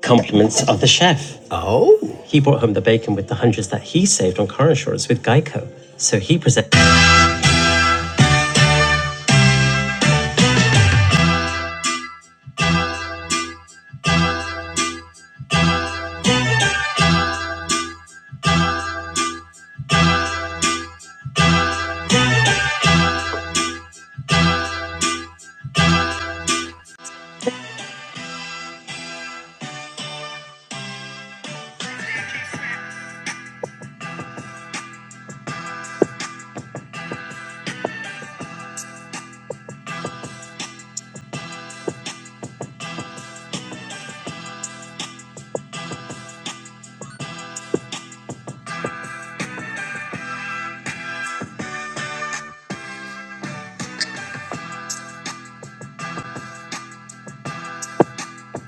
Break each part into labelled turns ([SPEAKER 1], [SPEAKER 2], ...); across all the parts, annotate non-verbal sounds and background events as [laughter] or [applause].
[SPEAKER 1] Compliments of the chef. Oh. He brought home the bacon with the hundreds that he saved on car insurance with Geico. So he presented.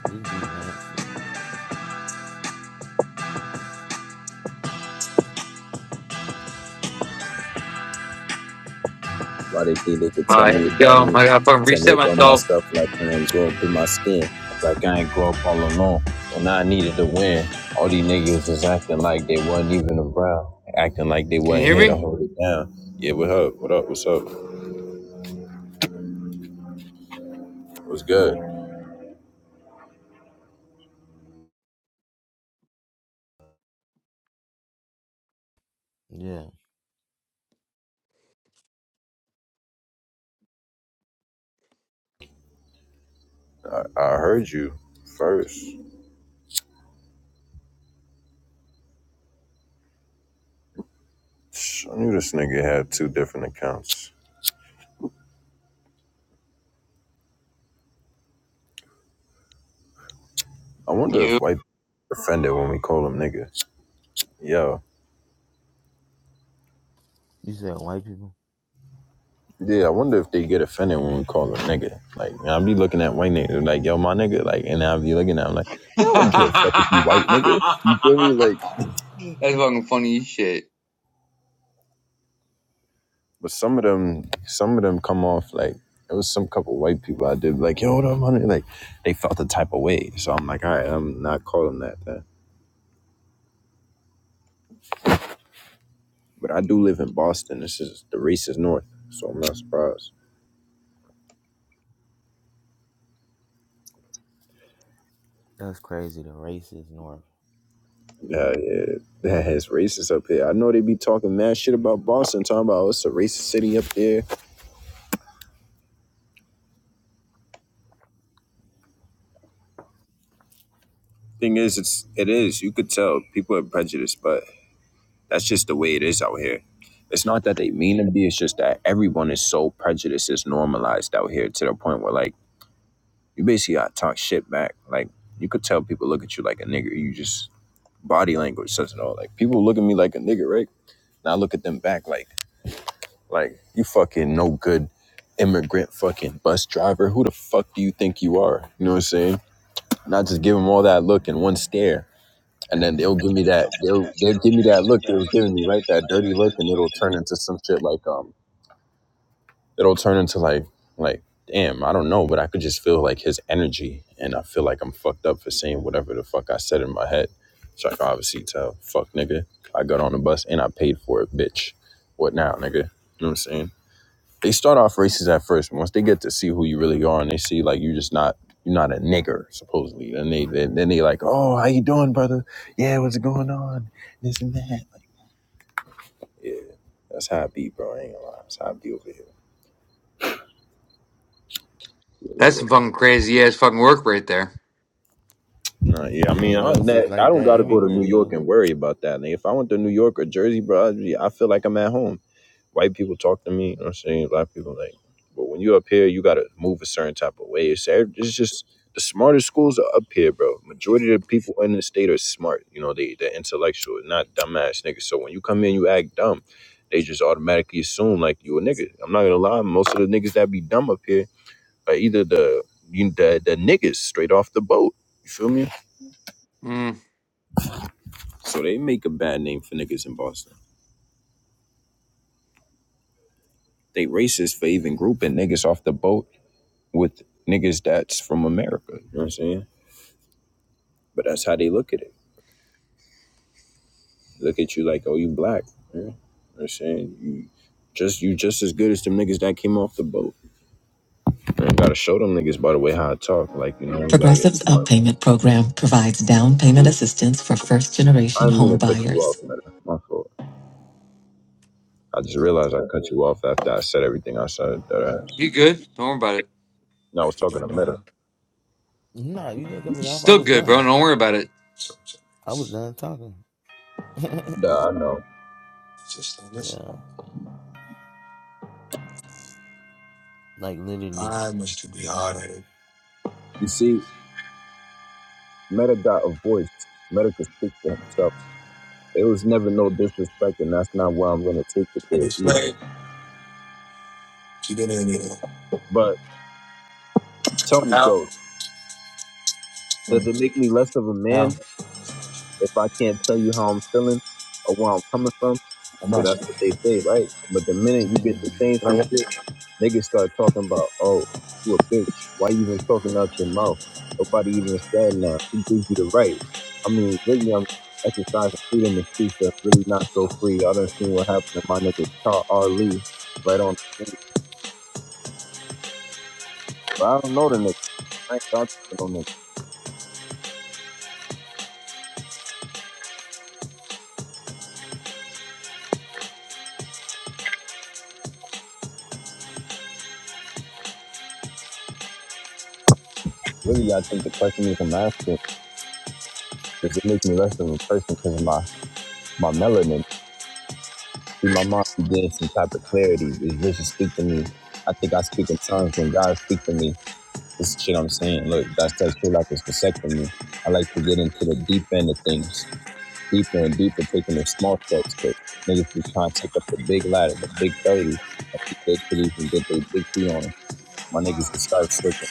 [SPEAKER 2] This be nasty.
[SPEAKER 3] Why they think they could tell
[SPEAKER 1] Alright, yo.
[SPEAKER 3] me about me,
[SPEAKER 1] I gotta fucking
[SPEAKER 3] tell me
[SPEAKER 1] reset
[SPEAKER 3] about my
[SPEAKER 1] myself.
[SPEAKER 3] stuff like I ain't grow up in my skin, like I ain't grow up all alone. When I needed to win, all these niggas was acting like they wasn't even around, acting like they
[SPEAKER 1] Can you
[SPEAKER 3] wasn't
[SPEAKER 1] hear
[SPEAKER 3] here to
[SPEAKER 1] me?
[SPEAKER 3] hold it down. Yeah, what up? What up? What's up? What's good?
[SPEAKER 2] Yeah.
[SPEAKER 3] I, I heard you first. I knew this nigga had two different accounts. I wonder
[SPEAKER 4] You.
[SPEAKER 3] if white people offended when we call him nigga. Yo.
[SPEAKER 2] You said white people?
[SPEAKER 3] Yeah, I wonder if they get offended when we call them nigga. Like, and I be looking at white niggas like, yo, my nigga. Like, and I be looking at them like,
[SPEAKER 4] [laughs]
[SPEAKER 3] I
[SPEAKER 4] That's
[SPEAKER 3] don't give a fuck if you white nigga. You feel me? Like,
[SPEAKER 4] fucking funny as shit.
[SPEAKER 3] [laughs] but some of them, some of them come off like it was some couple white people I did like, yo, what up, honey? Like, they felt the type of way. So I'm like, all right, I'm not calling that then. But I do live in Boston. This is the racist north, so I'm not surprised.
[SPEAKER 2] That's crazy. The racist North.
[SPEAKER 3] Yeah, yeah, that has racists up here. I know they be talking mad shit about Boston, talking about oh, it's a racist city up there Thing is, it's it is. You could tell people are prejudiced, but that's just the way it is out here. It's not that they mean to be. It's just that everyone is so prejudiced. It's normalized out here to the point where like you basically got to talk shit back. Like you could tell people look at you like a nigger. You just body language says it all. Like people look at me like a nigger, right? And I look at them back like like you fucking no good immigrant fucking bus driver. Who the fuck do you think you are? You know what I'm saying? And I just give them all that look and one stare and then they'll give me that they'll they'll give me that look they was giving me right that dirty look and it'll turn into some shit like um it'll turn into like like damn i don't know but i could just feel like his energy and i feel like i'm fucked up for saying whatever the fuck i said in my head so i can obviously tell fuck nigga i got on the bus and i paid for it bitch what now nigga you know what i'm saying they start off racist at first. Once they get to see who you really are, and they see like you're just not you're not a nigger supposedly, then they then, then they like, oh, how you doing, brother? Yeah, what's going on? This and that. Like, Yeah, that's how I be, bro. I ain't gonna lie. That's how I be over
[SPEAKER 1] That's
[SPEAKER 3] here.
[SPEAKER 1] some fucking crazy ass fucking work right there.
[SPEAKER 3] Nah, yeah, I
[SPEAKER 2] Well,
[SPEAKER 3] mean, I,
[SPEAKER 2] Ghost is
[SPEAKER 3] that, I
[SPEAKER 2] like
[SPEAKER 3] don't
[SPEAKER 2] that
[SPEAKER 3] gotta go to
[SPEAKER 2] everywhere,
[SPEAKER 3] New York
[SPEAKER 2] Ghost.
[SPEAKER 3] and worry about that. nigga. if I went to New York or Jersey, bro, I'd be- I feel like I'm at home. White people talk to me, you know what I'm saying? A lot of people like, but when you up here, you gotta move a certain type of way. It's, ev- it's just the smartest schools are up here, bro. Majority of the people in the state are smart. You know, they they're intellectual, not dumbass niggas. So when you come in, you act dumb. They just automatically assume like you a nigga. I'm not gonna lie, most of the niggas that be dumb up here are either the you the, the niggas straight off the boat. You feel me?
[SPEAKER 1] Mm.
[SPEAKER 3] So they make a bad name for niggas in Boston. They racist for even grouping niggas off the boat with niggas that's from America. You know what I'm saying? But that's how they look at it. Look at you like, oh, you black. yeah. You know what I'm saying? You just you just as good as them niggas that came off the boat. Man, gotta show them niggas by the way how I talk. Like, you know, you gotta get
[SPEAKER 1] Progressive's
[SPEAKER 3] smart.
[SPEAKER 1] Up Payment program provides down payment assistance for first
[SPEAKER 3] I
[SPEAKER 1] generation
[SPEAKER 3] didn't mean
[SPEAKER 1] home
[SPEAKER 3] to cut you off,
[SPEAKER 1] buyers.
[SPEAKER 3] man. My fault. I just realized I cut you off after I said everything I said. That I,
[SPEAKER 1] You good? Don't worry about it.
[SPEAKER 3] no, I was talking to Meta.
[SPEAKER 2] No, you didn't cut
[SPEAKER 1] You
[SPEAKER 2] me off. I
[SPEAKER 1] still
[SPEAKER 2] was
[SPEAKER 1] good, bro.
[SPEAKER 2] done.
[SPEAKER 1] Don't worry about it.
[SPEAKER 2] I was done talking. [laughs]
[SPEAKER 3] Nah, I know.
[SPEAKER 2] yeah. Like literally.
[SPEAKER 3] You see, Meta got a voice. Meta could speak for himself. It was never no disrespect, and that's not why I'm gonna take it there either. But Tell me, Ghost, does it make me less of a man if I can't tell you how I'm feeling or where I'm coming from? So that's what they say, right? But the minute you get to
[SPEAKER 2] Mm.
[SPEAKER 3] saying some shit, niggas start talking about, oh, you a bitch. Why you even talking out your mouth? Nobody even said now. Who gives you the right? I mean, really, I'm exercising freedom of speech that's really not so free. I done seen what happened to my nigga Tar Ali right on the street. But I don't know the nigga. right? I ain't talking on nigga. Really, I think the question is I'm asking does it make me less of a person because of my my melanin? See, my mom she gained some type of clarity. Is Richard speak to me? I think I speak in tongues when God speak to me. This is shit I'm saying. Look, that's texture life is dissecting me. I like to get into the deep end of things, deeper and deeper, taking the small steps. But niggas be trying to take up the big ladder, the big thirty. I think they could even get their big feet on them. My niggas can start slipping.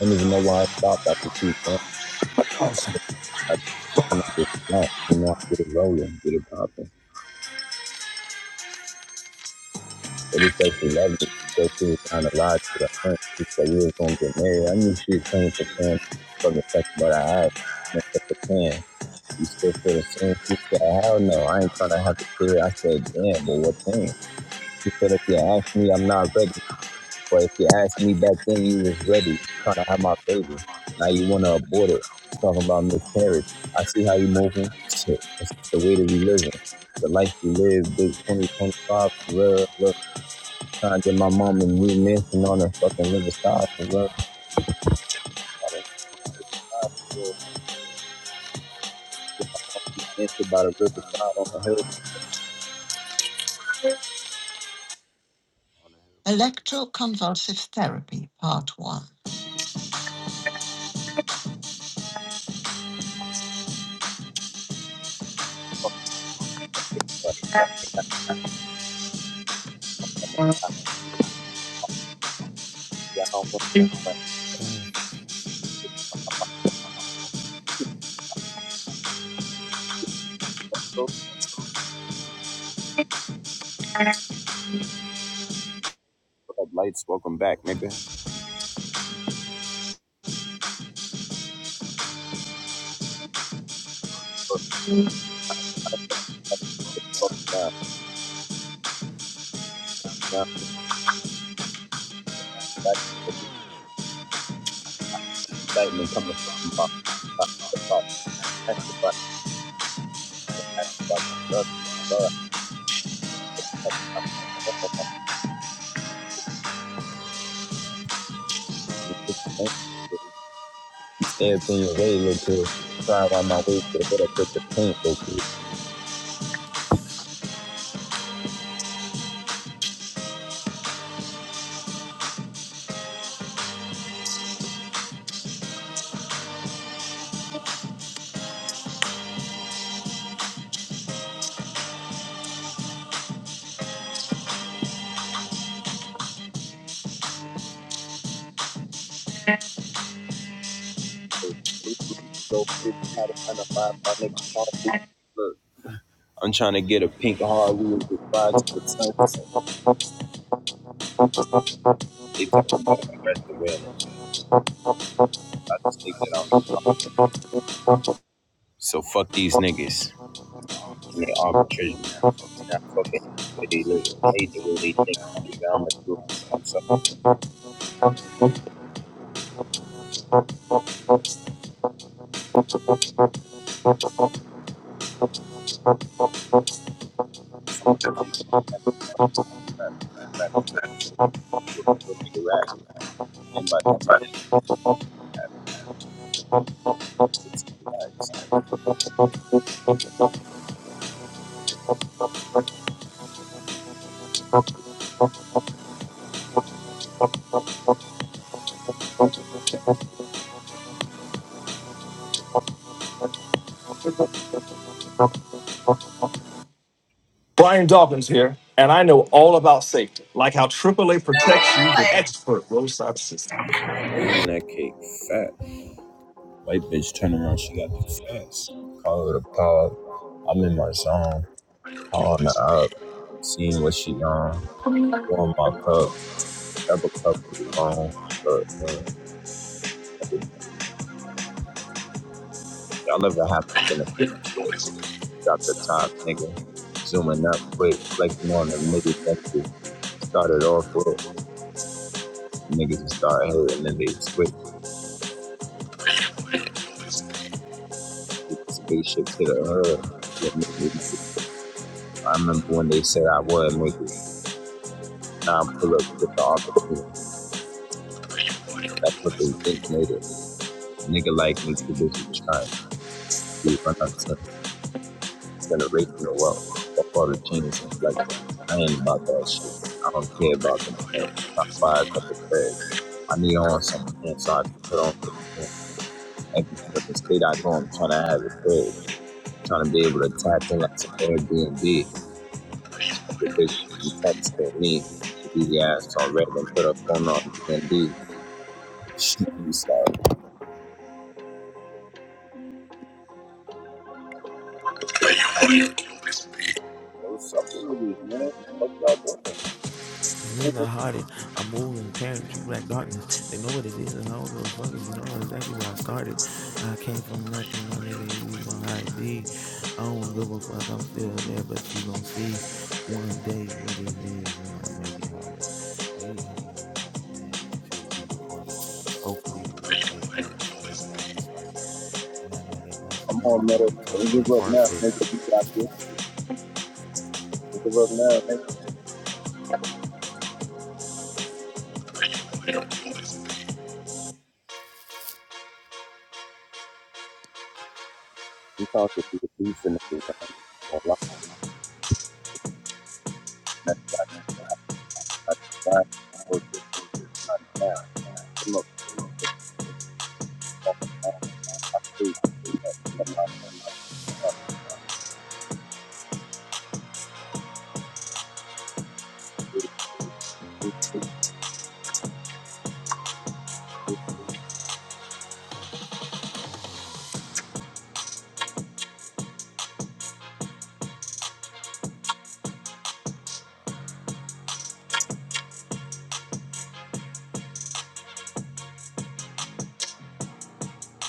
[SPEAKER 3] I don't even know why I stopped. I just keep going. I just cannot get it wrong. You know, I didn't want to get it rolling, get it popping. But it's actually love. straight through kind of lied to them. And you shoot clean for clean, I for clean, still for the sky. I know, I have, I see how you want to abort I'm about to see how you move up lights. Welcome back, nigga. I'm trying to get a, so fuck these niggas. And that cake fat. White bitch turn around, she got the fats. Call her to pop. I'm in my zone. Calling her up, seeing what she on. Pouring my cup, double cup for the long. But, uh, y'all ever happen to finish? drop the top, nigga. Zooming up quick, reflecting on the niggas that you started off with. Niggas just start hating and then they
[SPEAKER 2] These niggas are hard. I'm moving, parent, true black darkness. They know what it is, and I don't give a fuck. you know exactly where I started. I came from nothing, my nigga. You know how it be. I don't give a fuck. I'm still there, but you gonna see one day what it is, and I make it harder. Wait, hold on, man. It should be recorded. Hopefully, the replay's on, so they know who started it. And I know that most of them they be talking in far fetched.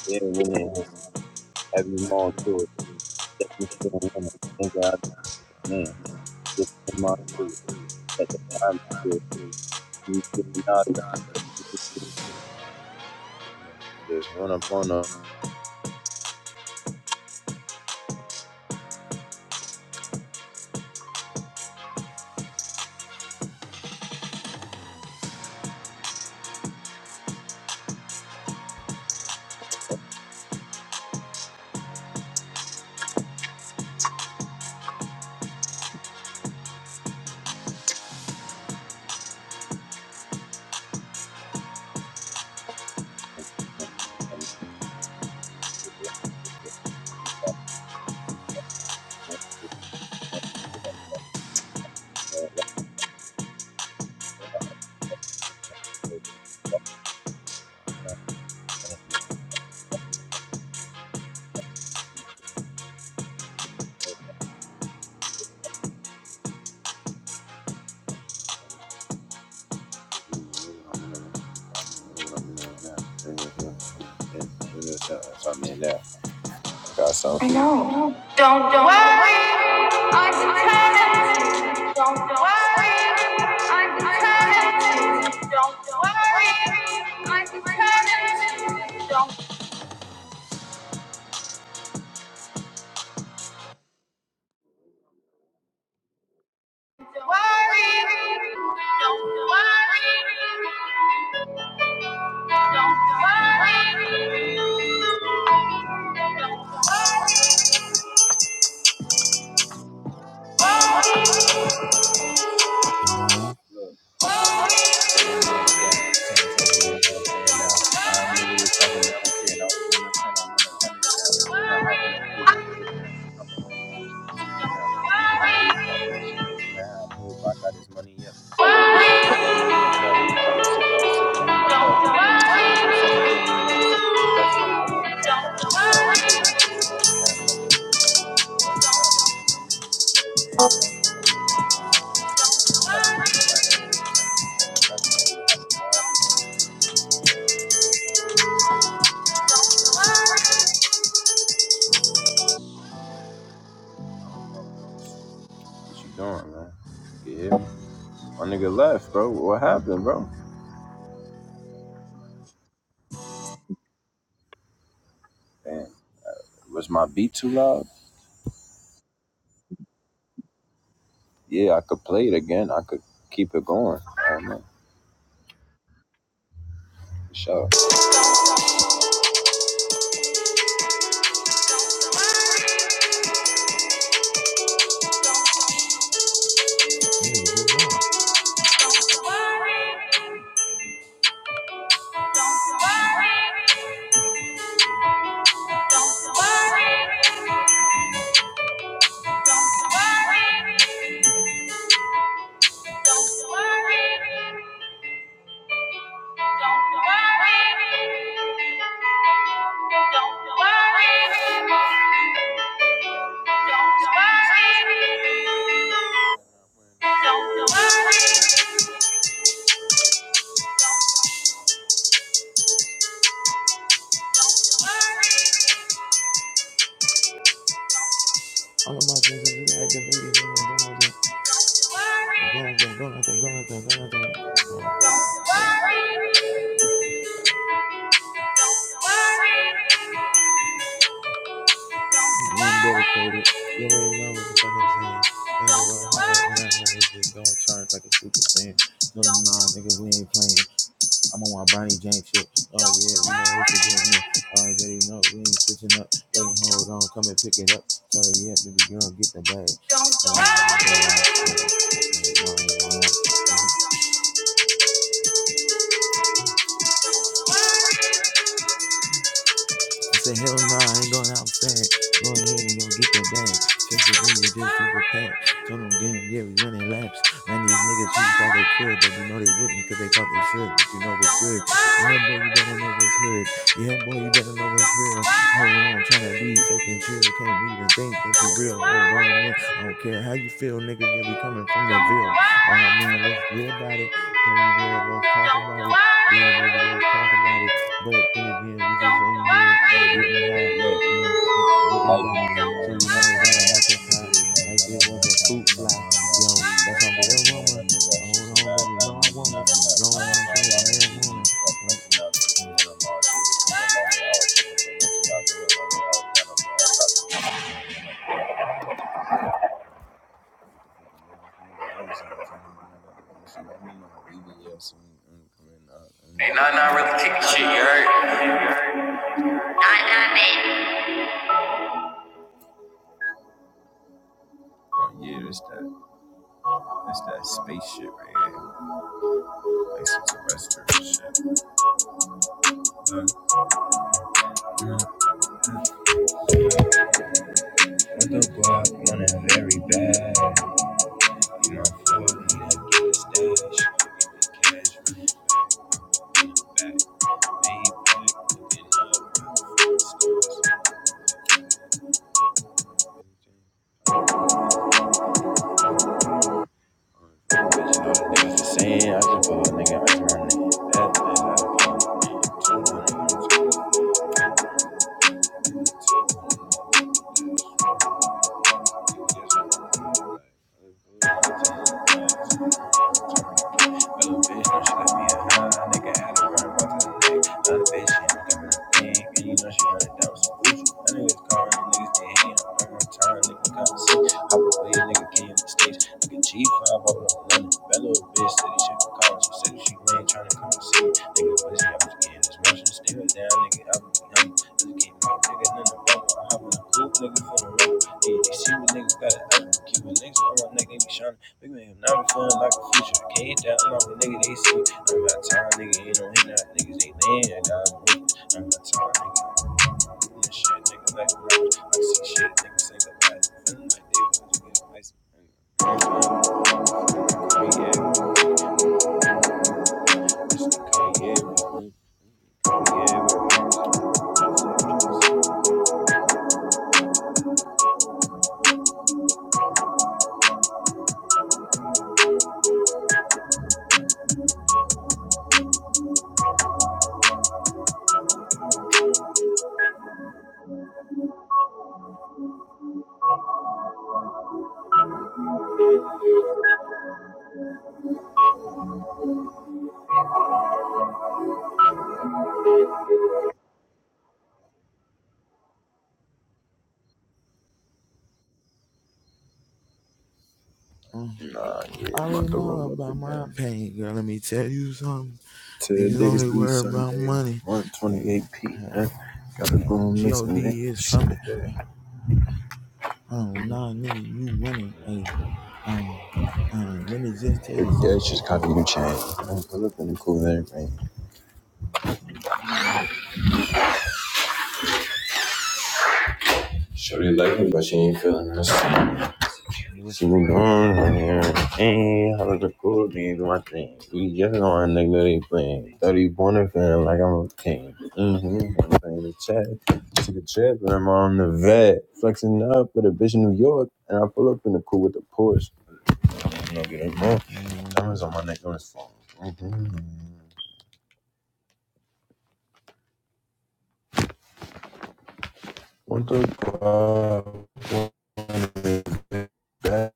[SPEAKER 3] yeah, when they have you on too. That's just feeling in it. Nigga, I just man, just come out too. At the time, you tripping out. Just run up on the. right You know, what I'm in right now. You know, what I'm in right now. You know, what I'm in right now. You know, what I'm in right now. I got something for you. I know. Don't, don't worry, I'm determined. Don't, don't worry, I'm determined. Don't, don't worry, I'm determined. Don't, don't worry, don't worry. Don't worry.
[SPEAKER 2] Uh huh.
[SPEAKER 3] Don't worry. Don't worry. I don't know, Ghost. What you doing, man? You can hear me? My nigga left, bro. What happened, bro? Damn. Was my beat too loud? Yeah, I could play it again. I could keep it going. I don't know. For sure.
[SPEAKER 2] These Niggas just love.
[SPEAKER 3] Don't
[SPEAKER 2] All of my senses is activated, and I'm going off that. They're going out there, going out there, going out there, going out there. Wow. Hey,
[SPEAKER 3] worry. Don't worry. Don't
[SPEAKER 2] you know I'm
[SPEAKER 3] worry.
[SPEAKER 2] dedicated. You already know what the fuck I'm saying. Man, I'll go
[SPEAKER 3] Don't
[SPEAKER 2] hard and
[SPEAKER 3] worry.
[SPEAKER 2] I'm in this bitch going charge like a super saiyan.
[SPEAKER 3] Don't
[SPEAKER 2] Tell them
[SPEAKER 3] don't
[SPEAKER 2] nah, nigga, we ain't playing. I'm on my Bronny James shit. Oh yeah,
[SPEAKER 3] don't
[SPEAKER 2] you know it's a
[SPEAKER 3] worry.
[SPEAKER 2] game, man. I already know we ain't switching up. Wait,
[SPEAKER 3] Don't
[SPEAKER 2] hold on, come
[SPEAKER 3] don't
[SPEAKER 2] and pick it up. Tell her, yeah, baby girl, get the bag.
[SPEAKER 3] don't
[SPEAKER 2] Oh, I'm going outside. And I ain't going outside. Mm-hmm. I said, hell nah, I ain't going outside. Go ahead and go get that bag. Chase it, then you just flip a pack. Told them, damn, yeah, we running laps. Ran these niggas who thought they could, but we know they wouldn't because they thought they should. But you know what's good. Yeah, boy, you better know what's hood. Yeah, boy, you better know what's real. Hold on, trying to be fake and chill. Can't even think that you real. Hold on,
[SPEAKER 3] worry.
[SPEAKER 2] man. I
[SPEAKER 3] Don't
[SPEAKER 2] don't
[SPEAKER 3] worry.
[SPEAKER 2] care how you feel, nigga. Yeah, we coming from
[SPEAKER 3] Don't
[SPEAKER 2] the
[SPEAKER 3] worry,
[SPEAKER 2] Ville. Oh, man, let's get about it. Told them, yeah, let's talk
[SPEAKER 3] don't
[SPEAKER 2] about it. Yeah,
[SPEAKER 3] worry,
[SPEAKER 2] baby, let's talk about it. But then again, we just in here
[SPEAKER 3] don't worry.
[SPEAKER 2] getting high, and getting
[SPEAKER 3] Life
[SPEAKER 2] by.
[SPEAKER 3] don't worry.
[SPEAKER 2] So you know it gotta multiply like it was a fruit fly. Yo, that's off the aroma. Oh, Hold on, baby. No, I want it. Blowing on strains of marijuana. Mm,
[SPEAKER 3] Hey, nah, nah, really kicking shit, you heard? Nah, nah, man. Oh, yeah, it's that, it's that space shit right here. Like some terrestrial shit. Look, you know, with the Glock on it very bad. You know, I'm floating like it's dash. Back, lean back, looking up. Bitch, know the niggas the same. I just pull a nigga, I my it. That bitch, I pull it. Two hundred, two hundred, two hundred. Little bitch, don't she let me a high. Nigga had her right about to the neck. Not a bitch, she ain't coming to pink. And you know she running down with some Gucci. That nigga's calling the niggas get hand. I'm on time, nigga, come and see. Hop away, nigga, came on the stage. Nigga, G5, I was on London. That little bitch said he should call. She said if she ain't trying to come and see me. Nigga, pussy, I was getting this motion. Stare down, nigga, I was be humble. Nigga, came out, nigga, in the bubble. I hop in the coupe, nigga, for the rubber. Yeah, you see what niggas got it up. Keep a niggas on my neck, they be shining. Big man, now I'm feeling like a future. Can't hit that long, nigga, they see. I'm about time, nigga, ain't no hit that. Niggas, they land, I'm with it. I'm about time, nigga. I'm this shit, nigga, like a rapper. I see shit, niggas say that bad. Feeling like they want to get ice.
[SPEAKER 2] mm.
[SPEAKER 3] Nah,
[SPEAKER 2] I
[SPEAKER 3] yeah, I'm
[SPEAKER 2] already
[SPEAKER 3] about to
[SPEAKER 2] know
[SPEAKER 3] roll up
[SPEAKER 2] about
[SPEAKER 3] again.
[SPEAKER 2] my pain, girl. Let me tell you something. Niggas
[SPEAKER 3] Today's
[SPEAKER 2] only
[SPEAKER 3] really
[SPEAKER 2] worry about
[SPEAKER 3] Sunday,
[SPEAKER 2] money. Like,
[SPEAKER 3] 1:28
[SPEAKER 2] uh,
[SPEAKER 3] p.m. Gotta
[SPEAKER 2] uh,
[SPEAKER 3] go and mix
[SPEAKER 2] God
[SPEAKER 3] and make
[SPEAKER 2] is
[SPEAKER 3] shit.
[SPEAKER 2] coming. Uh,
[SPEAKER 3] ahead.
[SPEAKER 2] wait. Oh nah, nigga, you running. Hey, uh, uh, let me just tell
[SPEAKER 3] If
[SPEAKER 2] you
[SPEAKER 3] you guys just
[SPEAKER 2] something.
[SPEAKER 3] copy the chain. I'm pull up in the cool air rain. Shorty like me, but she ain't feeling this.
[SPEAKER 2] They're
[SPEAKER 3] She
[SPEAKER 2] finna
[SPEAKER 3] moved
[SPEAKER 2] roll up
[SPEAKER 3] on right here.
[SPEAKER 2] again.
[SPEAKER 3] Hey, how the cool things my thing. We just know a nigga they playing. 31 and feeling like I'm a king. Mm-hmm. I'm playing the chat, Took a trip and I'm on the vet. Flexing up with a bitch in New York. And I pull up in the cool with the Porsche. I'm gonna get a
[SPEAKER 2] mm hmm
[SPEAKER 3] Diamonds on my neck on his phone. Mm-hmm. One through five, back.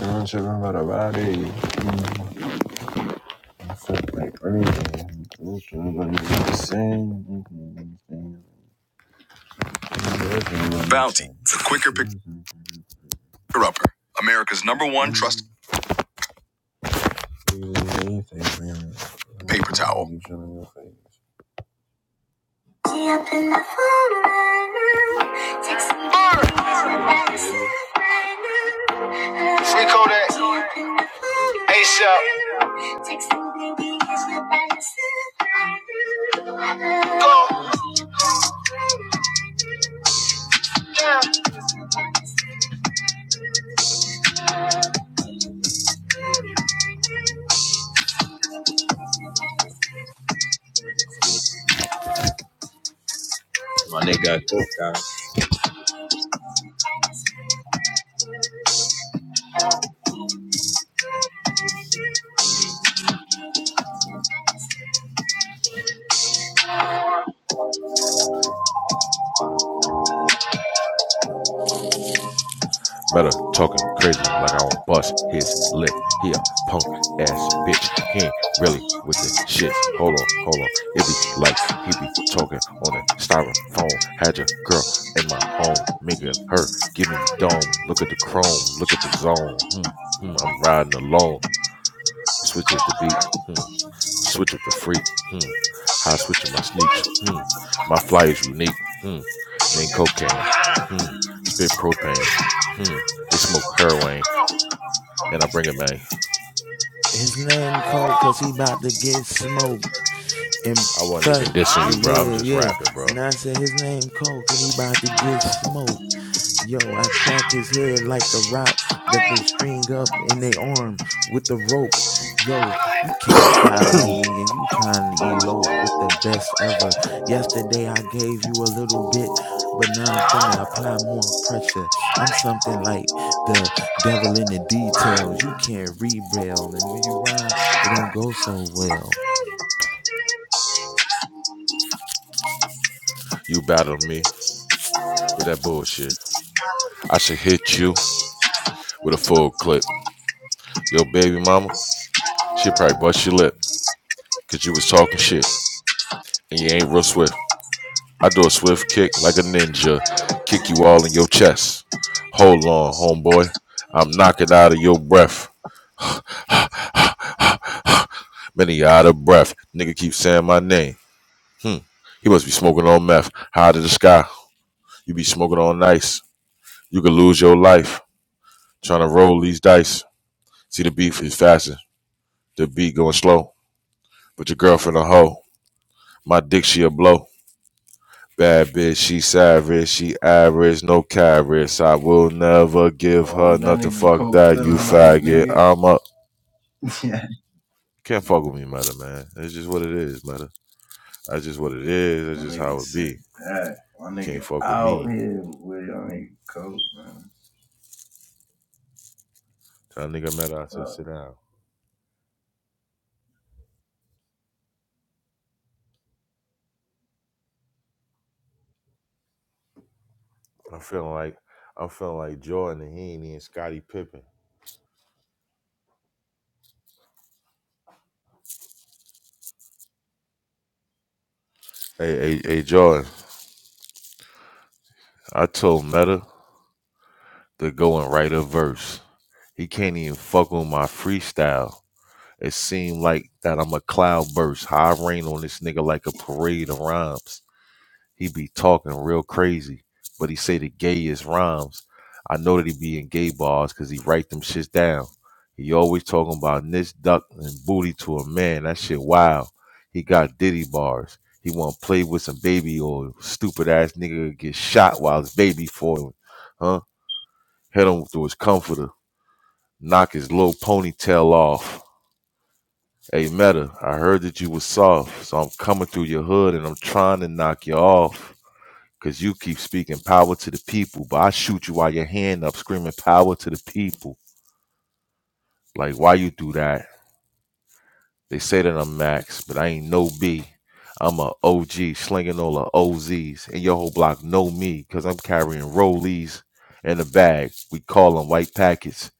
[SPEAKER 3] I'm tripping about a body. Mhm. I feel like running. I'm tripping about the same. Mhm. Bounty, the quicker picker upper. America's number one trusted paper towel. She up in the phone right now. Take some pictures right Free Kodak. She up in right ASAP. Take some pictures right Go. Yeah.
[SPEAKER 5] Meta talking crazy like I won't bust his lip. He a punk ass bitch. He ain't really with the shits. Hold on, hold on. It be like he be talking on a styrofoam. Had your girl in my home, making her give me dome. Look at the chrome, look at the zone. Hmm, hmm. I'm riding alone. Switch it to beat. Hmm. Switch up the freak. Hmm. How I switch up my sneaks. Hmm. My fly is unique. Hmm. Name cocaine. Hmm. Spit propane. Hmm. They smoke heroin and I bring it, man.
[SPEAKER 2] His name cold cause he about to get smoked. And
[SPEAKER 5] I wasn't even
[SPEAKER 2] plus,
[SPEAKER 5] dissing
[SPEAKER 2] eh,
[SPEAKER 5] you, bro. I'm
[SPEAKER 2] yeah,
[SPEAKER 5] just
[SPEAKER 2] yeah.
[SPEAKER 5] rapping, bro.
[SPEAKER 2] Now I said his name Coke and he about to get smoked. Yo, I crack his head like the rock that they string up in their arm with the rope. Yo, you can't stop me and you trying to elope with the best ever. Yesterday I gave you a little bit, but now I'm finna apply more pressure. I'm something like the devil in the details. You can't rebel, and when you rhyme, it don't go so well.
[SPEAKER 5] You battled me with that bullshit. I should hit you with a full clip. Your baby mama, she probably bust your lip because you was talking shit and you ain't real swift. I do a swift kick like a ninja, kick you all in your chest. Hold on, homeboy. I'm knocking out of your breath. [sighs] Many out of breath. Nigga keep saying my name. Hmm. He must be smoking on meth. High to the sky. You be smoking on ice. You could lose your life trying to roll these dice. See, the beef is faster. The beat going slow. But your girlfriend a hoe. My dick, she a blow. Bad bitch, she savage, she average, no carrots. I will never give
[SPEAKER 3] Oh,
[SPEAKER 5] her
[SPEAKER 3] that
[SPEAKER 5] nothing.
[SPEAKER 3] nigga
[SPEAKER 5] Fuck
[SPEAKER 3] coke
[SPEAKER 5] that, you
[SPEAKER 3] feeling like
[SPEAKER 5] faggot.
[SPEAKER 3] nigga.
[SPEAKER 5] I'm a
[SPEAKER 3] Yeah,
[SPEAKER 5] can't fuck with me, mother man. It's just what it is, mother. That's just what it is.
[SPEAKER 3] [laughs]
[SPEAKER 5] That's
[SPEAKER 3] my
[SPEAKER 5] just how
[SPEAKER 3] nigga
[SPEAKER 5] it
[SPEAKER 3] said
[SPEAKER 5] be.
[SPEAKER 3] that. My
[SPEAKER 5] You
[SPEAKER 3] nigga
[SPEAKER 5] can't fuck with
[SPEAKER 3] out
[SPEAKER 5] me.
[SPEAKER 3] here with my nigga coke, man.
[SPEAKER 5] Tell nigga meta, I
[SPEAKER 3] Uh,
[SPEAKER 5] said sit down. I'm feeling like I'm feeling like Jordan and he ain't even Scottie Pippen. Hey, hey, hey, Jordan. I told Meta to go and write a verse. He can't even fuck with my freestyle. It seemed like that I'm a cloudburst. How I rain on this nigga like a parade of rhymes. He be talking real crazy, but he say the gayest rhymes. I know that he be in gay bars because he write them shits down. He always talking about niche duck and booty to a man. That shit wild. He got diddy bars. He want to play with some baby or stupid ass nigga get shot while his baby foiling. Huh? Hit him through his comforter. Knock his little ponytail off. Hey Meta, I heard that you was soft, so I'm coming through your hood and I'm trying to knock you off. Cause you keep speaking power to the people, but I shoot you while your hand up, screaming power to the people. Like why you do that? They say that I'm Max, but I ain't no B. I'm a OG, slinging all the OZs, and your whole block know me, cause I'm carrying rollies in a bag. We call them white packets.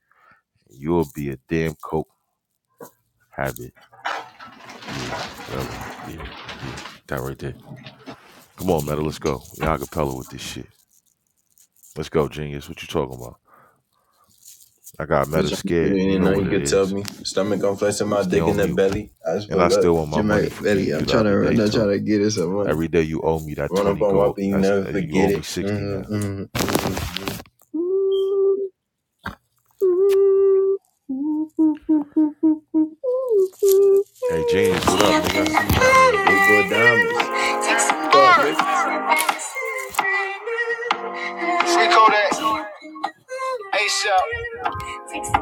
[SPEAKER 5] You'll be a damn coke habit. Yeah, whatever. Yeah, yeah, that right there. Come on, Meta, let's go. Y'all acapella with this shit. Let's go, genius. What you talking about? I got Meta
[SPEAKER 3] Bitch, I'm
[SPEAKER 5] scared.
[SPEAKER 3] sitting
[SPEAKER 5] He
[SPEAKER 3] in,
[SPEAKER 5] know
[SPEAKER 3] now
[SPEAKER 5] what
[SPEAKER 3] you
[SPEAKER 5] it
[SPEAKER 3] could tell
[SPEAKER 5] is.
[SPEAKER 3] me. Stomach, I'm flexing my
[SPEAKER 5] Stay
[SPEAKER 3] dick in
[SPEAKER 5] on
[SPEAKER 3] the
[SPEAKER 5] mute.
[SPEAKER 3] belly. I just
[SPEAKER 5] And I
[SPEAKER 3] put up
[SPEAKER 5] still want my money
[SPEAKER 3] Jamaica
[SPEAKER 5] for
[SPEAKER 3] belly.
[SPEAKER 5] beating
[SPEAKER 3] I'm
[SPEAKER 5] you the
[SPEAKER 3] trying
[SPEAKER 5] other
[SPEAKER 3] to
[SPEAKER 5] day
[SPEAKER 3] run, I'm trying
[SPEAKER 5] too.
[SPEAKER 3] to get it some money.
[SPEAKER 5] Every day you owe me that
[SPEAKER 3] Run up
[SPEAKER 5] twenty
[SPEAKER 3] on
[SPEAKER 5] go.
[SPEAKER 3] Whopper, you
[SPEAKER 5] That's
[SPEAKER 3] never
[SPEAKER 5] uh, you owe
[SPEAKER 3] forget
[SPEAKER 5] me
[SPEAKER 3] it.
[SPEAKER 5] sixty now.
[SPEAKER 3] Mm-hmm, mm-hmm.
[SPEAKER 5] Hey, genius, what
[SPEAKER 3] She
[SPEAKER 5] up,
[SPEAKER 3] up
[SPEAKER 5] nigga? I
[SPEAKER 3] in the
[SPEAKER 5] see you down there in the
[SPEAKER 3] party
[SPEAKER 5] goo.
[SPEAKER 3] diamonds. Take some Fuck, diamonds. Free Kodak. ASAP. Diamonds,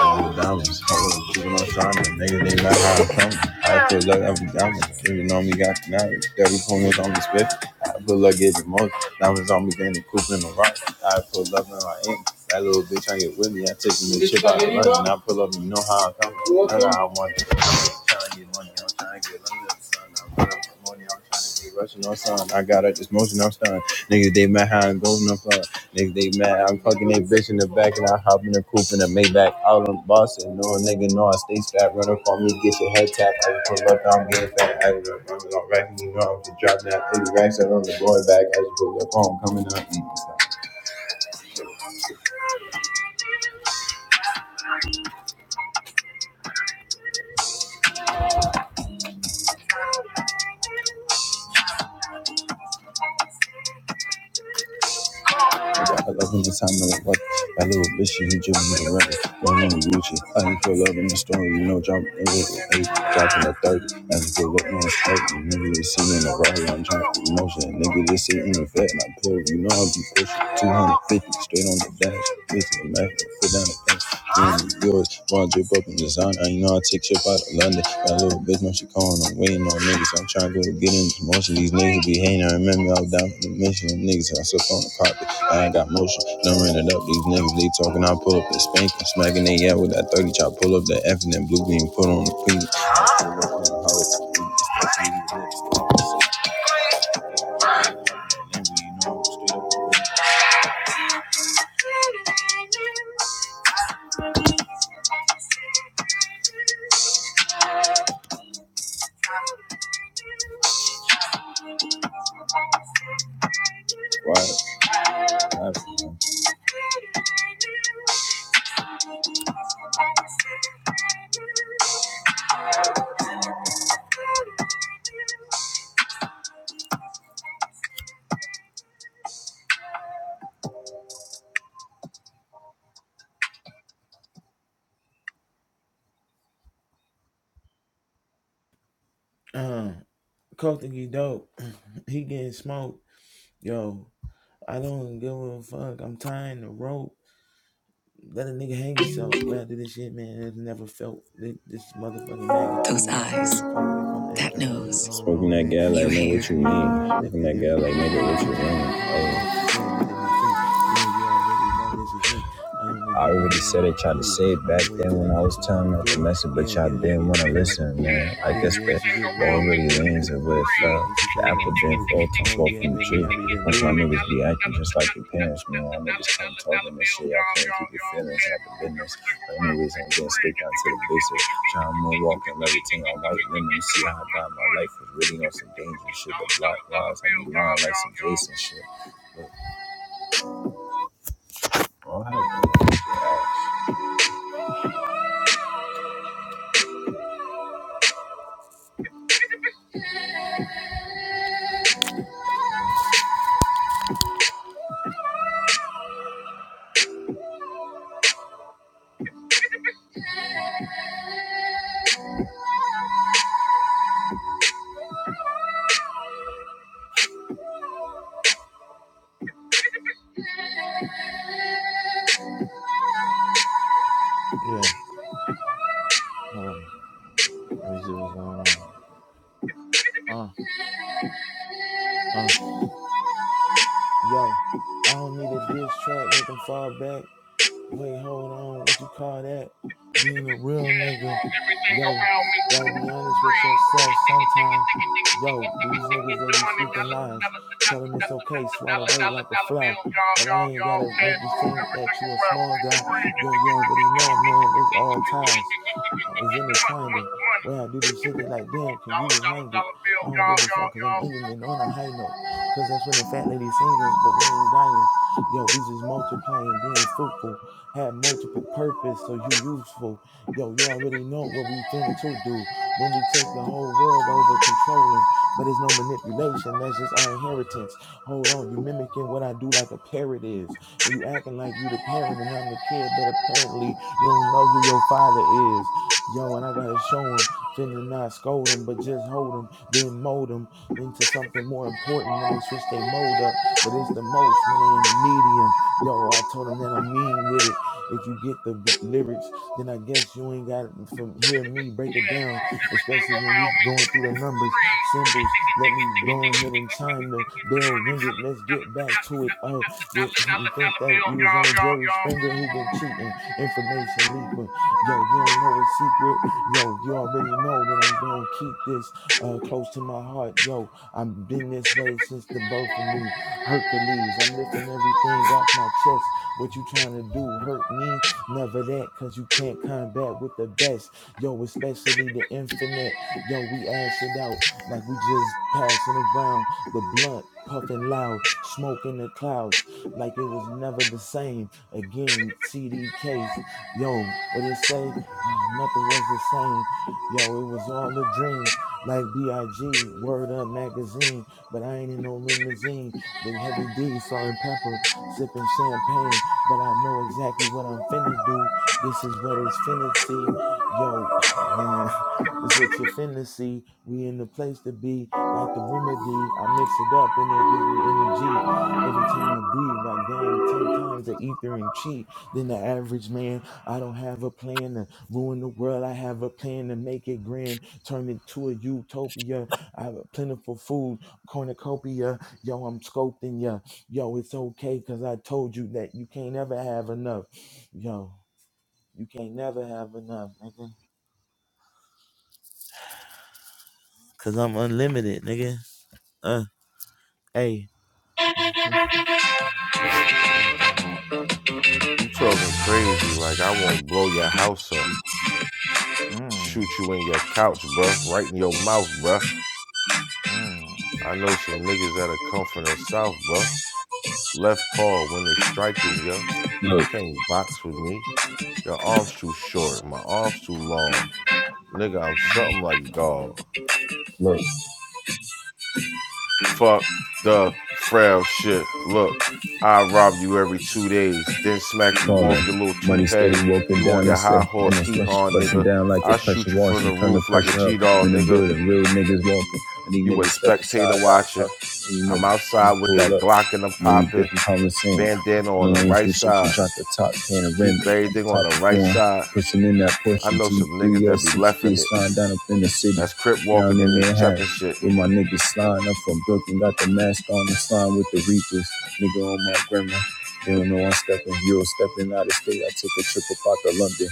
[SPEAKER 3] hold on, keep on shining. Nigga, they not how I'm coming. I feel like every
[SPEAKER 5] What you
[SPEAKER 3] diamond.
[SPEAKER 5] looking at? What
[SPEAKER 3] Even on we got connected. Every
[SPEAKER 5] you
[SPEAKER 3] corner's
[SPEAKER 5] looking
[SPEAKER 3] on the
[SPEAKER 5] at?
[SPEAKER 3] spit. I feel like getting more. Diamonds on me, then they cooping the rock. I feel love in my ink. That little bitch ain't get with me. I take him this shit out of London. I pull up and you know how I come. None of I want it. I'm trying to get money. I'm trying to get London. son. I'm trying to get money. I'm trying to get Russian on son. I got up this motion. I'm stunned. Niggas, they mad how I'm going up front. Niggas, they mad. I'm fucking they bitch in the back and I hop in the coupe and I make back out on Boston. No nigga, no, I stay strapped. Running for me. Get your head tapped. I just pull up. I'm getting fat. I just run it on racks. You know, I'm just dropping that 80 racks. I run the boy back. I just pull up. Oh, I'm coming up. Mm, I love loving the time of life. That little bitch, she was driven me around. Don't want to reach it. I ain't feel love in the story. You know, dropping a the eight, dropping a 30. As you pull up on the straight, nigga, you see me in the rally. I'm trying to emotion. Nigga, this shit in the vet, and I pull. You know, I'll be pushing 250 straight on the dash. Bitch, I'm mad. Put down the fence. Damn, yours. Wanna drip up in designer. You know I take shit out of London. That little bitch, man, she calling. I'm waiting on niggas. I'm trying to go get in this motion. These niggas be hating. I remember I was down for the mission. Them niggas, I slipped on the carpet. I ain't got motion. Don't run it up. These niggas, they talking. I pull up and spank them. Smacking they out with that 30 chop. Pull up the F and then blue beam. Put on the pink.
[SPEAKER 2] Uh. Cole think he dope. [clears throat] he getting smoked. Yo, I don't give a fuck. I'm tying the rope let a nigga hang himself. Well, after this shit, man, it's never felt this motherfucking
[SPEAKER 3] Those
[SPEAKER 2] magnitude. I don't
[SPEAKER 3] eyes.
[SPEAKER 2] give a fuck if I'm
[SPEAKER 3] that
[SPEAKER 2] acting rude.
[SPEAKER 3] knows.
[SPEAKER 2] Hold
[SPEAKER 3] Smoking
[SPEAKER 2] on,
[SPEAKER 3] that
[SPEAKER 2] man.
[SPEAKER 3] gas like
[SPEAKER 2] This is
[SPEAKER 3] nigga,
[SPEAKER 2] good
[SPEAKER 3] what
[SPEAKER 2] for
[SPEAKER 3] you
[SPEAKER 2] you. I'm
[SPEAKER 3] mean? Smoking
[SPEAKER 2] uplifting
[SPEAKER 3] that gas like
[SPEAKER 2] everything I do
[SPEAKER 3] nigga, what you mean?
[SPEAKER 2] musically. Hold
[SPEAKER 3] Oh.
[SPEAKER 2] on, man. Let it be free. Yeah, you already know this is me. I don't the
[SPEAKER 3] I
[SPEAKER 2] beat, and it
[SPEAKER 3] already
[SPEAKER 2] when
[SPEAKER 3] said
[SPEAKER 2] I'm
[SPEAKER 3] it, tried to
[SPEAKER 2] cool,
[SPEAKER 3] say it back
[SPEAKER 2] I'ma wait
[SPEAKER 3] then
[SPEAKER 2] till the
[SPEAKER 3] when I was
[SPEAKER 2] next one
[SPEAKER 3] telling
[SPEAKER 2] come
[SPEAKER 3] out the
[SPEAKER 2] through.
[SPEAKER 3] message, but
[SPEAKER 2] Yeah,
[SPEAKER 3] y'all
[SPEAKER 2] get a
[SPEAKER 3] didn't
[SPEAKER 2] get
[SPEAKER 3] want to
[SPEAKER 2] wetter like a
[SPEAKER 3] listen,
[SPEAKER 2] pool.
[SPEAKER 3] man. I
[SPEAKER 2] Yeah,
[SPEAKER 3] guess
[SPEAKER 2] yeah,
[SPEAKER 3] the
[SPEAKER 2] she get wetter
[SPEAKER 3] ball
[SPEAKER 2] than a
[SPEAKER 3] really
[SPEAKER 2] pool.
[SPEAKER 3] leans and where
[SPEAKER 2] Oh
[SPEAKER 3] it fell.
[SPEAKER 2] shit, and she
[SPEAKER 3] The
[SPEAKER 2] say that
[SPEAKER 3] apple
[SPEAKER 2] I'm
[SPEAKER 3] didn't
[SPEAKER 2] smooth.
[SPEAKER 3] fall too
[SPEAKER 2] Oh
[SPEAKER 3] far
[SPEAKER 2] yeah,
[SPEAKER 3] from the
[SPEAKER 2] baby,
[SPEAKER 3] tree.
[SPEAKER 2] I be the
[SPEAKER 3] Once my
[SPEAKER 2] dude.
[SPEAKER 3] niggas be acting just like your parents, man, I niggas start talking and shit. Y'all can't keep your feelings out the business. But anyways, I'm getting straight down to the basics. Trying moonwalk and everything. I'm white women. You see how I got my life was really on some dangerous shit. The block lies, I be lying like some Jason shit. But, all right, bro.
[SPEAKER 2] Yeah, hold on. Let me see what's going on. Uh, uh. yo, I don't need a diss track, make them fall back. Wait, hold on. What you call that? Being a real nigga.
[SPEAKER 3] Everything
[SPEAKER 2] Yo,
[SPEAKER 3] around me is
[SPEAKER 2] gotta
[SPEAKER 3] free. Diggy, diggy,
[SPEAKER 2] be honest with yourself
[SPEAKER 3] diggy,
[SPEAKER 2] sometime.
[SPEAKER 3] diggy,
[SPEAKER 2] Yo, these niggas that be speaking
[SPEAKER 3] dollar,
[SPEAKER 2] lies.
[SPEAKER 3] dollar, dollar,
[SPEAKER 2] Tell them
[SPEAKER 3] dollar,
[SPEAKER 2] it's okay,
[SPEAKER 3] dollar,
[SPEAKER 2] swat
[SPEAKER 3] dollar,
[SPEAKER 2] away
[SPEAKER 3] dollar,
[SPEAKER 2] like a
[SPEAKER 3] dollar
[SPEAKER 2] fly.
[SPEAKER 3] bill. Y'all,
[SPEAKER 2] But I
[SPEAKER 3] y'all,
[SPEAKER 2] ain't
[SPEAKER 3] y'all.
[SPEAKER 2] gotta
[SPEAKER 3] Cash
[SPEAKER 2] make you
[SPEAKER 3] rules
[SPEAKER 2] think
[SPEAKER 3] everything
[SPEAKER 2] that you a
[SPEAKER 3] around me.
[SPEAKER 2] small
[SPEAKER 3] It's
[SPEAKER 2] guy.
[SPEAKER 3] free. Diggy,
[SPEAKER 2] Yo, you already know, man. It's all ties. Uh, it's intertwined.
[SPEAKER 3] money.
[SPEAKER 2] Where I do this shit, they like, damn, can you
[SPEAKER 3] Dollar, dollar,
[SPEAKER 2] rewind it?
[SPEAKER 3] dollar bill.
[SPEAKER 2] I don't give
[SPEAKER 3] Y'all,
[SPEAKER 2] a
[SPEAKER 3] y'all,
[SPEAKER 2] fuck, cause I'm
[SPEAKER 3] y'all.
[SPEAKER 2] ending it on a high note. Cause that's when the fat lady singing, but we ain't dying. Yo, we just multiplying, being fruitful had multiple purpose, so you useful. Yo, you already know what we fin to do when we take the whole world over controlling, but it's no manipulation. That's just our inheritance. Hold on, you mimicking what I do like a parrot is, and you acting like you the parent and I'm the kid, but apparently you don't know who your father is. Yo, and I gotta show him, finna not scold him, but just hold him, then mold him into something more important when they switch their mode up. But it's the most when they in the medium. Yo, I told him that I'm mean with it. If you get the w- lyrics, then I guess you ain't got from hear me break it
[SPEAKER 3] Everything
[SPEAKER 2] down,
[SPEAKER 3] around
[SPEAKER 2] especially when we
[SPEAKER 3] me is
[SPEAKER 2] going
[SPEAKER 3] free.
[SPEAKER 2] through the numbers, symbols. Let me go ahead and chime the bell, ring it. Let's get back to it. Oh, you [laughs] you think that you was on Jerry Springer who been cheating, information leaking. Yo, you don't know a secret. Yo, you already know that I'm gonna keep this uh close to my heart. Yo, I've been this way since the birth of me. Hercules, I'm lifting everything off my chest what you trying to do? Hurt me? Never that, cause you can't combat with the best. Yo, especially the infinite. Yo, we ash it out like we just passing around the blunt. Puffing loud, smoke in the clouds, like it was never the same. Again, CD case, yo, what it say? Uh, nothing was the same. Yo, it was all a dream, like B.I.G. Word Up magazine. But I ain't in no limousine with heavy D, salt and pepper, sipping champagne but I know exactly what I'm finna do. This is what it's finna see. Yo, [sighs] man, [laughs] this what you're finna see. We in the place to be. Got the remedy. I mix it up and it gives me energy. Every time I breathe, I gain 10 times the ether and chi than the average man. I don't have a plan to ruin the world. I have a plan to make it grand, turn it to a utopia. I have a plentiful food cornucopia. Yo, I'm sculpting ya yo, it's okay because I told you that you can't ever have enough. Yo, you can't never have enough, nigga. Cause I'm unlimited, nigga. Uh, hey. [laughs] what are you talking about?
[SPEAKER 5] You talking crazy? Like I won't blow your house up,
[SPEAKER 2] Mm,
[SPEAKER 5] shoot you in your couch, bruh, right in your mouth, bruh.
[SPEAKER 2] mm,
[SPEAKER 5] I know some niggas that'll come from the south, bruh. Left paw when they striking, yo. You can't box with me. Your arms too short. My arms too long. Nigga, I'm
[SPEAKER 2] hmm
[SPEAKER 5] something like God.
[SPEAKER 3] Look,
[SPEAKER 5] Fuck the frail shit. Look, I rob you every two days, then smack
[SPEAKER 3] look,
[SPEAKER 5] you off
[SPEAKER 3] calling.
[SPEAKER 5] your little
[SPEAKER 3] Money
[SPEAKER 5] toupee.
[SPEAKER 3] steady walking
[SPEAKER 5] You on
[SPEAKER 3] down
[SPEAKER 5] your
[SPEAKER 3] and say,
[SPEAKER 5] high
[SPEAKER 3] and
[SPEAKER 5] horse,
[SPEAKER 3] it's
[SPEAKER 5] hee
[SPEAKER 3] rush-
[SPEAKER 5] haw,
[SPEAKER 3] busting
[SPEAKER 5] nigga.
[SPEAKER 3] down like
[SPEAKER 5] I
[SPEAKER 3] it's
[SPEAKER 5] shoot
[SPEAKER 3] pressure
[SPEAKER 5] you from the
[SPEAKER 3] washing. Turn the
[SPEAKER 5] roof like a
[SPEAKER 3] pressure up
[SPEAKER 5] G
[SPEAKER 3] I'm
[SPEAKER 5] dog,
[SPEAKER 3] in the
[SPEAKER 5] nigga.
[SPEAKER 3] building. Real niggas walking. And these
[SPEAKER 5] You a
[SPEAKER 3] niggas step
[SPEAKER 5] spectator
[SPEAKER 3] aside, gotta
[SPEAKER 5] watching.
[SPEAKER 3] talk to these
[SPEAKER 5] I'm
[SPEAKER 3] niggas. I
[SPEAKER 5] outside
[SPEAKER 3] just
[SPEAKER 5] with that
[SPEAKER 3] pull up.
[SPEAKER 5] Glock and I'm
[SPEAKER 3] You know, we
[SPEAKER 5] popping.
[SPEAKER 3] different from the promising.
[SPEAKER 5] Bandana
[SPEAKER 3] In
[SPEAKER 5] on the
[SPEAKER 3] the lanes
[SPEAKER 5] right
[SPEAKER 3] we shifting,
[SPEAKER 5] side.
[SPEAKER 3] drop the top
[SPEAKER 5] Keep
[SPEAKER 3] panoramic on the
[SPEAKER 5] everything on
[SPEAKER 3] top
[SPEAKER 5] the
[SPEAKER 3] of
[SPEAKER 5] right
[SPEAKER 3] form.
[SPEAKER 5] side.
[SPEAKER 3] Pushing in that Porsche
[SPEAKER 5] I know some niggas that be left
[SPEAKER 3] G3S63,
[SPEAKER 5] in it.
[SPEAKER 3] sliding down up in the city,
[SPEAKER 5] That's crip
[SPEAKER 3] down
[SPEAKER 5] walking and
[SPEAKER 3] in
[SPEAKER 5] they
[SPEAKER 3] Manhattan.
[SPEAKER 5] chepping shit.
[SPEAKER 3] With my niggas sliding up from Brooklyn, got the mask on and sliding with the Reapers. Nigga on my grandma. They don't know I'm stepping. you Euro stepping out of state. I took a trip up out to London.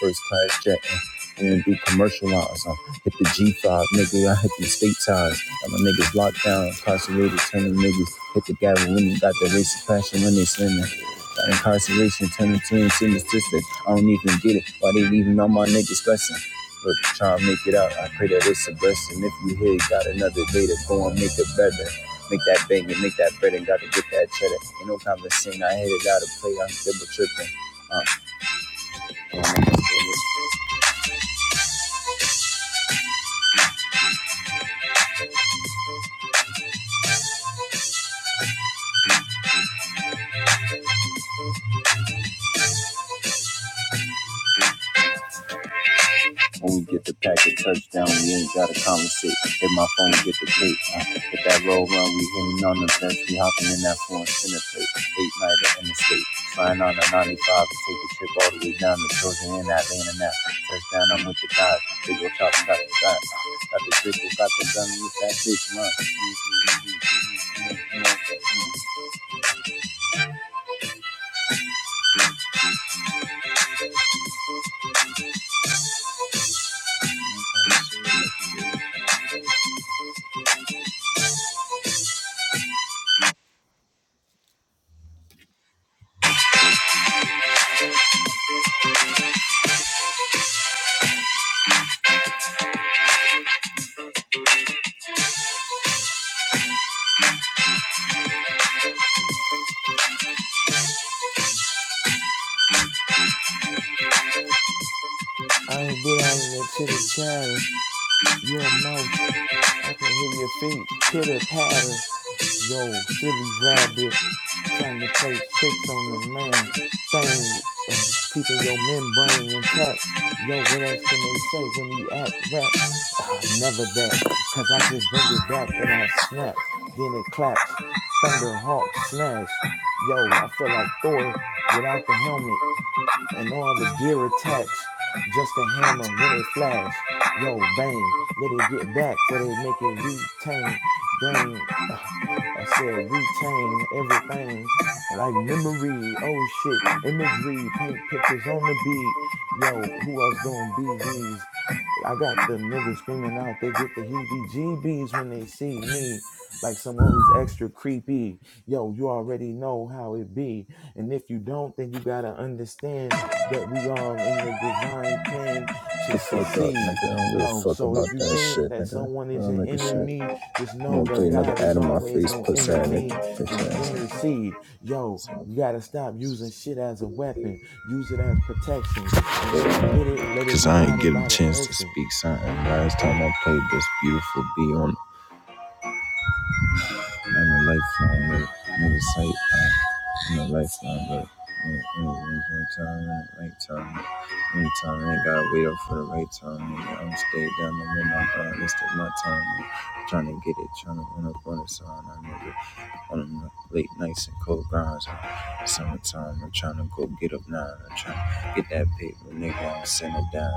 [SPEAKER 3] First class jet. We didn't do commercial lines. I hit the G5, nigga. I hit the state ties. Got my niggas locked down, incarcerated, turning niggas hit the gap when you got the racist passion when they slim it. Got incarceration, turning to and statistic. I don't even get it. Why they leaving all my niggas stressing? Look, try to make it out. I pray that it's a blessing. If you here, you got another day to go and make it better. Make that bang and make that bread and gotta get that cheddar. Ain't no conversation. I hit it out of play. I'm double tripping. Uh, When we get the pack a touchdown, we ain't gotta compensate. If my phone get the tape, uh, if that roll run, we hitting on the fence, we hopping in that foreign center plate. Eight nighter in the state, flying on a 95 to take a trip all the way down to Georgia and Atlanta now. Touchdown, I'm with the guys. Big ol' chop, got the guys. Got the dribble, got the gun with that bitch, man.
[SPEAKER 2] I ain't with all of that chitty chatter. You a mouse. I can hear your feet pitter patter. Yo, silly rabbit, trying to play tricks on the main thing, uh, keeping your membrane intact. Yo, what else can they say when he act rap? Ah, never that, cause I just bring it back, then I snap, then it claps. Thunderhawk smash. Yo, I feel like Thor without the helmet and all the gear attached, just a hammer when it flash. Yo, bang, let it get back for they make it retain. Dang, [sighs] uh, I said retain everything like memory. Oh shit, imagery, paint pictures on the beat. Yo, who else gonna be these? I got them niggas screaming out. They get the heebie-jeebies when they see me, like someone who's extra creepy. Yo, you already know how it be, and if you don't, then you gotta understand that we all in the design plan to
[SPEAKER 3] The fuck up,
[SPEAKER 2] succeed.
[SPEAKER 3] nigga. I don't give a
[SPEAKER 2] Yo,
[SPEAKER 3] fuck
[SPEAKER 2] so if
[SPEAKER 3] about
[SPEAKER 2] you
[SPEAKER 3] that
[SPEAKER 2] think
[SPEAKER 3] shit,
[SPEAKER 2] that
[SPEAKER 3] nigga.
[SPEAKER 2] someone is
[SPEAKER 3] I'm
[SPEAKER 2] your
[SPEAKER 3] nigga shit.
[SPEAKER 2] enemy, just
[SPEAKER 3] I'm
[SPEAKER 2] know
[SPEAKER 3] gonna
[SPEAKER 2] that
[SPEAKER 3] play another
[SPEAKER 2] God
[SPEAKER 3] ad
[SPEAKER 2] is
[SPEAKER 3] in my
[SPEAKER 2] always
[SPEAKER 3] face,
[SPEAKER 2] gonna
[SPEAKER 3] pussy
[SPEAKER 2] intervene
[SPEAKER 3] nigga.
[SPEAKER 2] and
[SPEAKER 3] Bitch ass.
[SPEAKER 2] intercede. Yo, you gotta stop using shit as a weapon. Use it as protection. And when you get it, let it be guided by the
[SPEAKER 3] chance to
[SPEAKER 2] essence.
[SPEAKER 3] speak something. Last time I played this beautiful beat on on the lifeline, like nigga sight uh, on the lifeline, like time, right time, anytime, ain't gotta wait up for the right time, nigga. I'm stay down, I'm in my god, this is my time, trying to get it, tryna run up on the sign, I nigga. on the late nights and cold grinds. summertime, I'm trying to go get up now. I'm trying to get that paper, nigga. I'm sending down.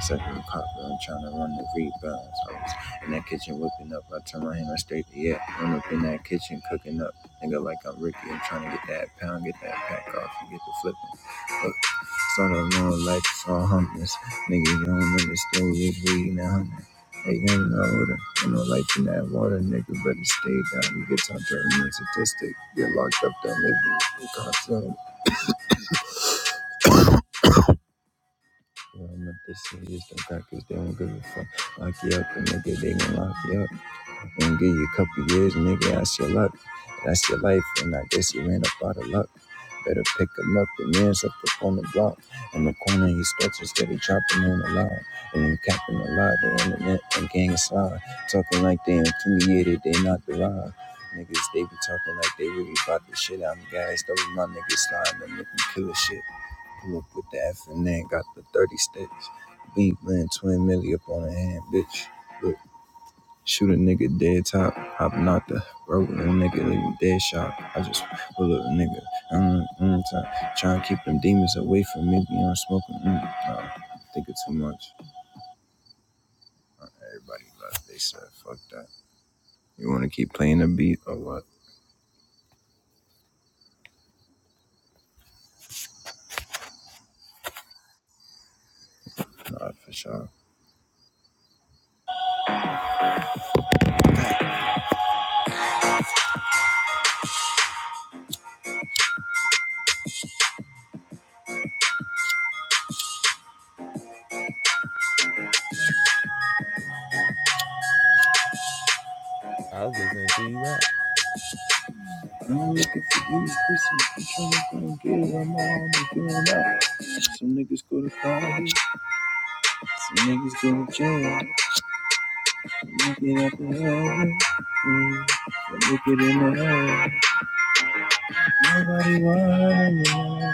[SPEAKER 3] Second copper, I'm trying to run the rebounds. I was in that kitchen whipping up. I turn my hand I straight to yeah. am up in that kitchen cooking up. Nigga, like I'm Ricky. I'm trying to get that pound, get that pack off, and get the flip. Start a long life, it's all hummus. Nigga, you don't understand what you're reading Hey, you ain't no order. Ain't no life in that water, nigga. Better stay down. You get time to a mean statistic. Get locked up, down, living. You can't tell them. Well, I'm at this serious. Them crackers, they don't give a fuck. Lock you up, and nigga, they gon' lock you up. And give you a couple years, nigga, that's your luck. That's your life, and I guess you ran up out of luck. Better pick 'em up, the man's up on the block. In the corner, he stretches, steady chopping on the line. And then capping a lot, they in the internet and gang slide. Talking like they intimidated. they not derived. Niggas, they be talking like they really bought the shit out. I'm Guys, those my niggas slide, they make me kill the shit. Pull up with the F and N, got the 30 sticks. Beat, man, twin milli up on the hand, bitch. Look. Shoot a nigga dead top, hopping out the road, a nigga leave dead shot. I just pull up a nigga, mm, mm, top. Try and keep them demons away from me beyond smoking, mm, no, thinking too much. Everybody left, they said, fuck that. You wanna keep playing the beat or what? Nah, for sure.
[SPEAKER 2] I was listening to you rap.
[SPEAKER 3] I'm looking for these pussies, I'm trying to go and get I'm on, I'm all doing that. Some niggas go to college, some niggas go to jail. Make it up in heaven, mm, make it in the hell. Nobody wanna know.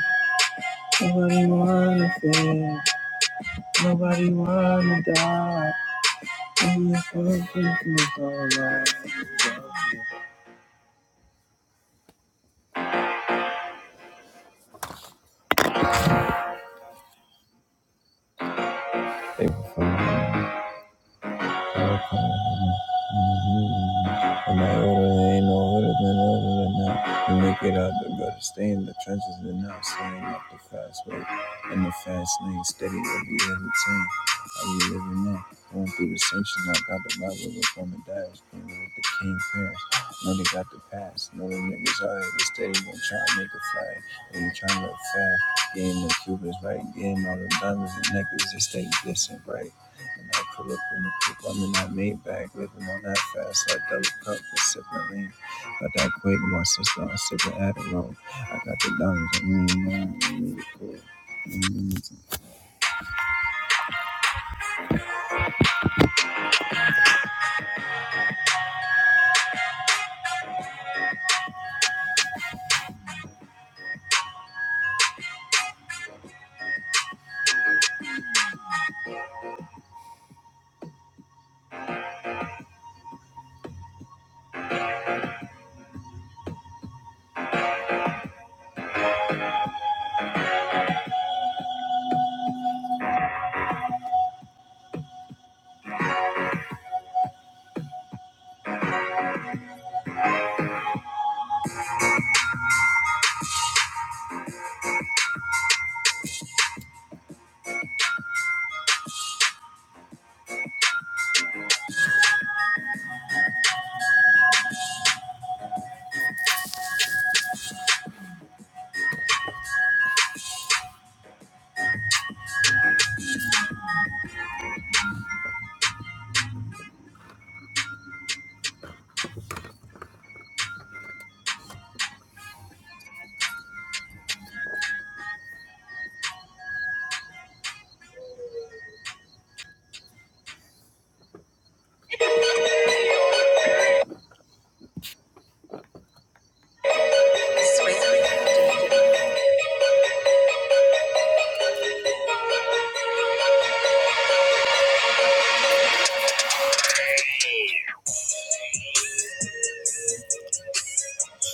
[SPEAKER 3] Nobody wanna feel. Thank you for And I order ain't no hood than other than that. You make it out the gutter, stay in the trenches and not staying up the fast way. In the fast lane, steady every every team. I be living now, going through the sanctions, I got the Bible up on the dash, playing with the king parents. Know they got the pass, know the niggas out here, they steady going try to make a flag. When you trying to look fast, getting the Cubans right, getting all the diamonds and necklaces, they stay distant, right? And I pull up in the coupe, I'm in that Maybach, living on that fast, that double cup for sipping lean. Got that quake, my sister, I'm sipping Adderall. I got the diamonds on me, man, I need it cool.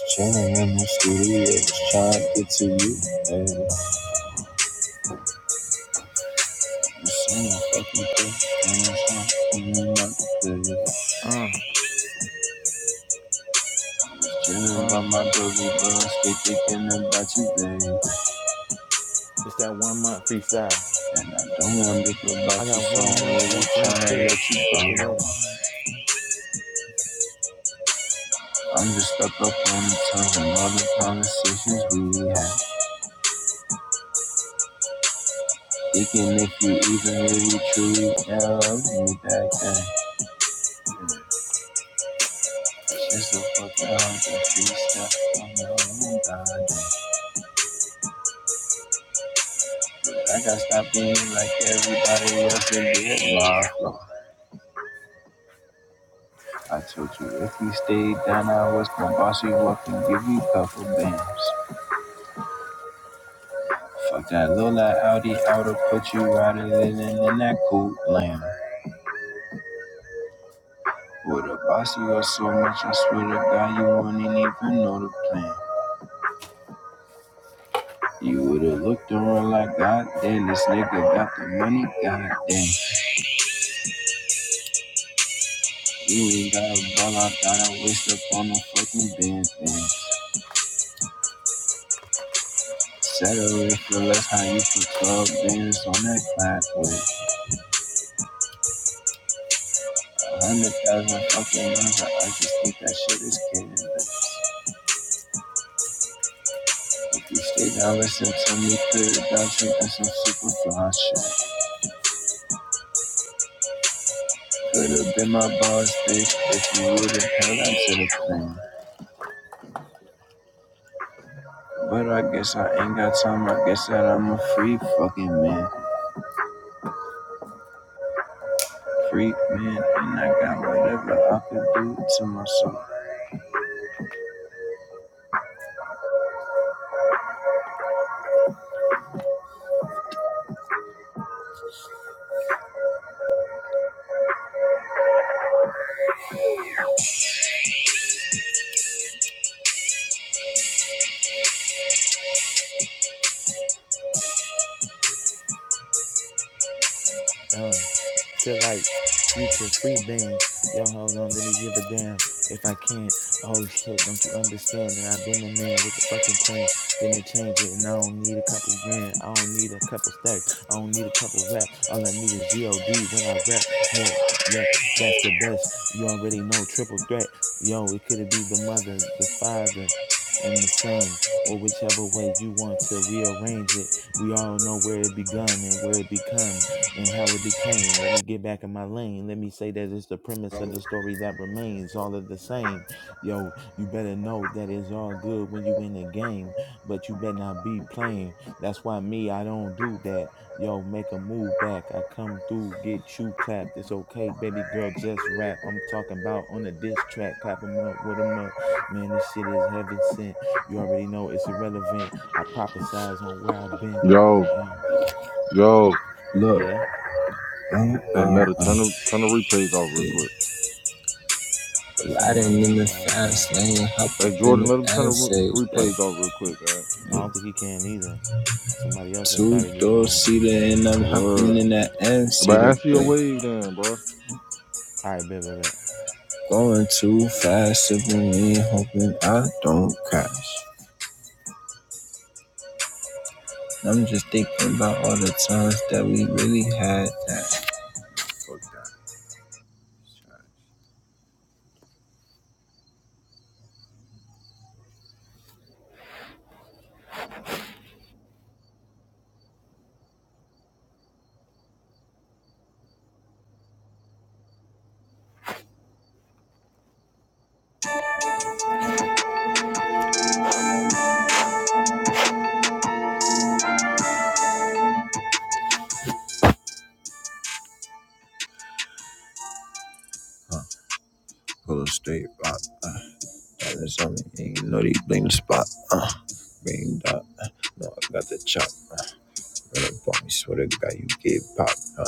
[SPEAKER 3] Chilling in my studio, just trying to get to you, baby. You see my fucking thing, and I'm trying to my
[SPEAKER 2] Uh,
[SPEAKER 3] Chilling by
[SPEAKER 2] uh.
[SPEAKER 3] my doggy, but I'm still thinking about you, baby.
[SPEAKER 2] It's that one month freestyle.
[SPEAKER 3] And I don't wanna think
[SPEAKER 2] I
[SPEAKER 3] about you,
[SPEAKER 2] got
[SPEAKER 3] so
[SPEAKER 2] one
[SPEAKER 3] I'm
[SPEAKER 2] month
[SPEAKER 3] really
[SPEAKER 2] left in my
[SPEAKER 3] tryna
[SPEAKER 2] crib.
[SPEAKER 3] let
[SPEAKER 2] After
[SPEAKER 3] you go.
[SPEAKER 2] that,
[SPEAKER 3] I'm just stuck up on the tongue and all the conversations we had. Thinking if you even really truly ever loved me back then. Shit's so fucking hard to treat on your own goddamn. I got stopped being like everybody else and did my flow. I told you if you stayed down, I was gonna boss you up and give you a couple bands. Fuck that little like Audi oughta put you riding in in that coupe lamb. Would've bossed you up so much, I swear to God, you wouldn't even know the plan. You would've looked around like, God damn, this nigga got the money, God damn. You ain't got a ball, I thought I waste up on the fucking band thing. Settle it for less, how you put 12 bands on that clap with. A hundred thousand fucking miles, I just think that shit is killing You stay down, listen to me, put it down, drinking some super fly shit. Could've been my boss, bitch, if you would've held on to the plan. But I guess I ain't got time, I guess that I'm a free fucking man. Free man, and I got whatever I could do to myself.
[SPEAKER 2] uh, feel like future free bands. Yo, hold on, let me give a damn if I can't. Oh shit, don't you understand that I've been the man with the fucking plan. Finna change it, and I don't need a couple grand. I don't need a couple stacks. I don't need a couple rap. All I need is G-O-D when I rap. Hell, yeah, that's the best. You already know, triple threat. Yo, it could be the mother, the father, and the son, or whichever way you want to rearrange it. We all know where it begun and where it become and how it became. Let me get back in my lane. Let me say that it's the premise of the story that remains all of the same. Yo, you better know that it's all good when you in the game, but you better not be playing. That's why me, I don't do that. Yo, make a move back. I come through, get you clapped. It's okay, baby girl, just rap. I'm talking about on a diss track. Clap 'em up, with 'em up. Man, this shit is heaven sent. You already know it's irrelevant. I prophesize on where I've been.
[SPEAKER 6] Yo,
[SPEAKER 2] You know,
[SPEAKER 6] yo.
[SPEAKER 3] Look,
[SPEAKER 2] yeah.
[SPEAKER 3] I'm,
[SPEAKER 6] Hey,
[SPEAKER 3] uh,
[SPEAKER 6] Meta,
[SPEAKER 3] uh,
[SPEAKER 6] turn the, turn the replays off real
[SPEAKER 3] yeah.
[SPEAKER 6] quick.
[SPEAKER 2] This ain't my
[SPEAKER 3] Riding in
[SPEAKER 2] room,
[SPEAKER 3] the
[SPEAKER 2] but I'll try.
[SPEAKER 3] fast lane, hop
[SPEAKER 6] Hey,
[SPEAKER 3] up in
[SPEAKER 6] Jordan,
[SPEAKER 3] the
[SPEAKER 6] let him turn the
[SPEAKER 3] N-Sage,
[SPEAKER 6] re-
[SPEAKER 3] babe.
[SPEAKER 6] replays off real quick, all right?
[SPEAKER 2] I don't think he can either. Somebody else has
[SPEAKER 3] Two
[SPEAKER 2] started this
[SPEAKER 3] door
[SPEAKER 2] room.
[SPEAKER 3] seater, and I'm hopping
[SPEAKER 6] Word.
[SPEAKER 3] in that
[SPEAKER 6] But
[SPEAKER 3] N-Seater,
[SPEAKER 6] answer your
[SPEAKER 3] babe.
[SPEAKER 6] wave then, bro.
[SPEAKER 2] All right, bet, bet, bet.
[SPEAKER 3] Going too fast, sipping lean, hoping I don't crash. I'm just thinking about all the times that we really had that. Uh, pull a straight rock, uh, diamonds on me, and you know they bling the spot. Uh, bring dot, uh, no, I got the chop. Uh, run up on me, swear to God, you get popped. Uh,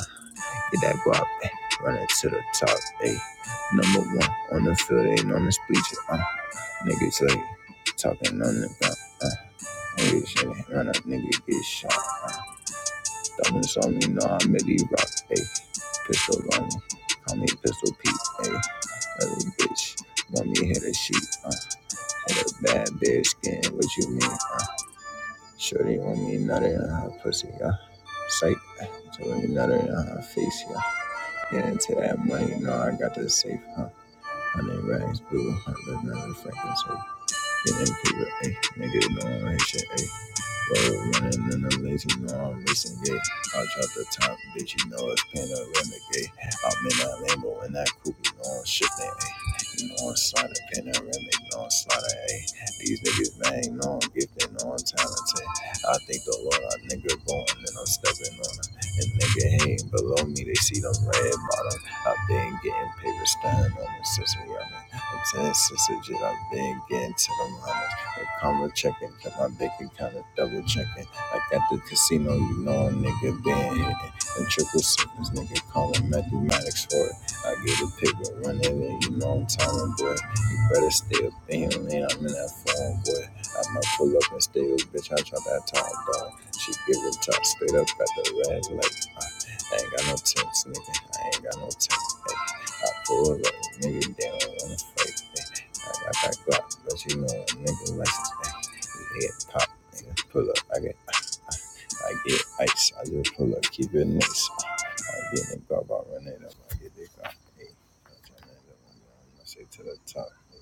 [SPEAKER 3] get that guap, eh, run it to the top, eh. Number one on the field, ain't on the speeches, uh, niggas like talking on the ground, uh. Nigga, shit. Run up, nigga, get shot. Thumbing on me, know I'm Millie Rock, ayy. Pistol on me, call me Pistol Pete, ayy. Little bitch, want me hit a sheet, uh. Hit a bad bitch, skin, what you mean, uh. Shorty want me nutty on her pussy, yeah. Psych, told me nutty on her face, yeah. Get into that money, know I got the safe, huh. Hundred rags, blue, hundred another freaking so. in, paper, ayy. Nigga, know I'm shit, ayy. Road running in the lazy long racing gay. I out the top, bitch, you know it's panoramic gay. I'm in that Lambo and that coupe, you know I'm shifting, ayy. You know I'm sliding panoramic, no I'm sliding, ayy. These niggas bang, no I'm gifted, no I'm talented. I think the Lord, a nigga going and I'm stepping on it. And nigga hating below me, they see them red bottom. I've been getting paper stand on them since we young. I'm saying, sister, I've been getting to them, honey. Karma checking, got my bank account, of double checking. Like at the casino, you know a nigga been hitting. And triple sevens, nigga calling mathematics for it. I get a pick and run it, and you know I'm timing, boy. You better stay up in your lane, I'm in that phone, boy. I might pull up and stay with bitch, I try that top dog. She give it top straight up at the red light. I ain't got no tips, nigga. I ain't got no tips, ayy. I pull up, nigga, they don't wanna fight, ayy. Like I got but you know, nigga, license, man. Head pop, nigga, pull up. I get, I get ice. I just pull up, keep it nice. I get the bar, run it up. I get the car. Hey, I say to the top. Nigga.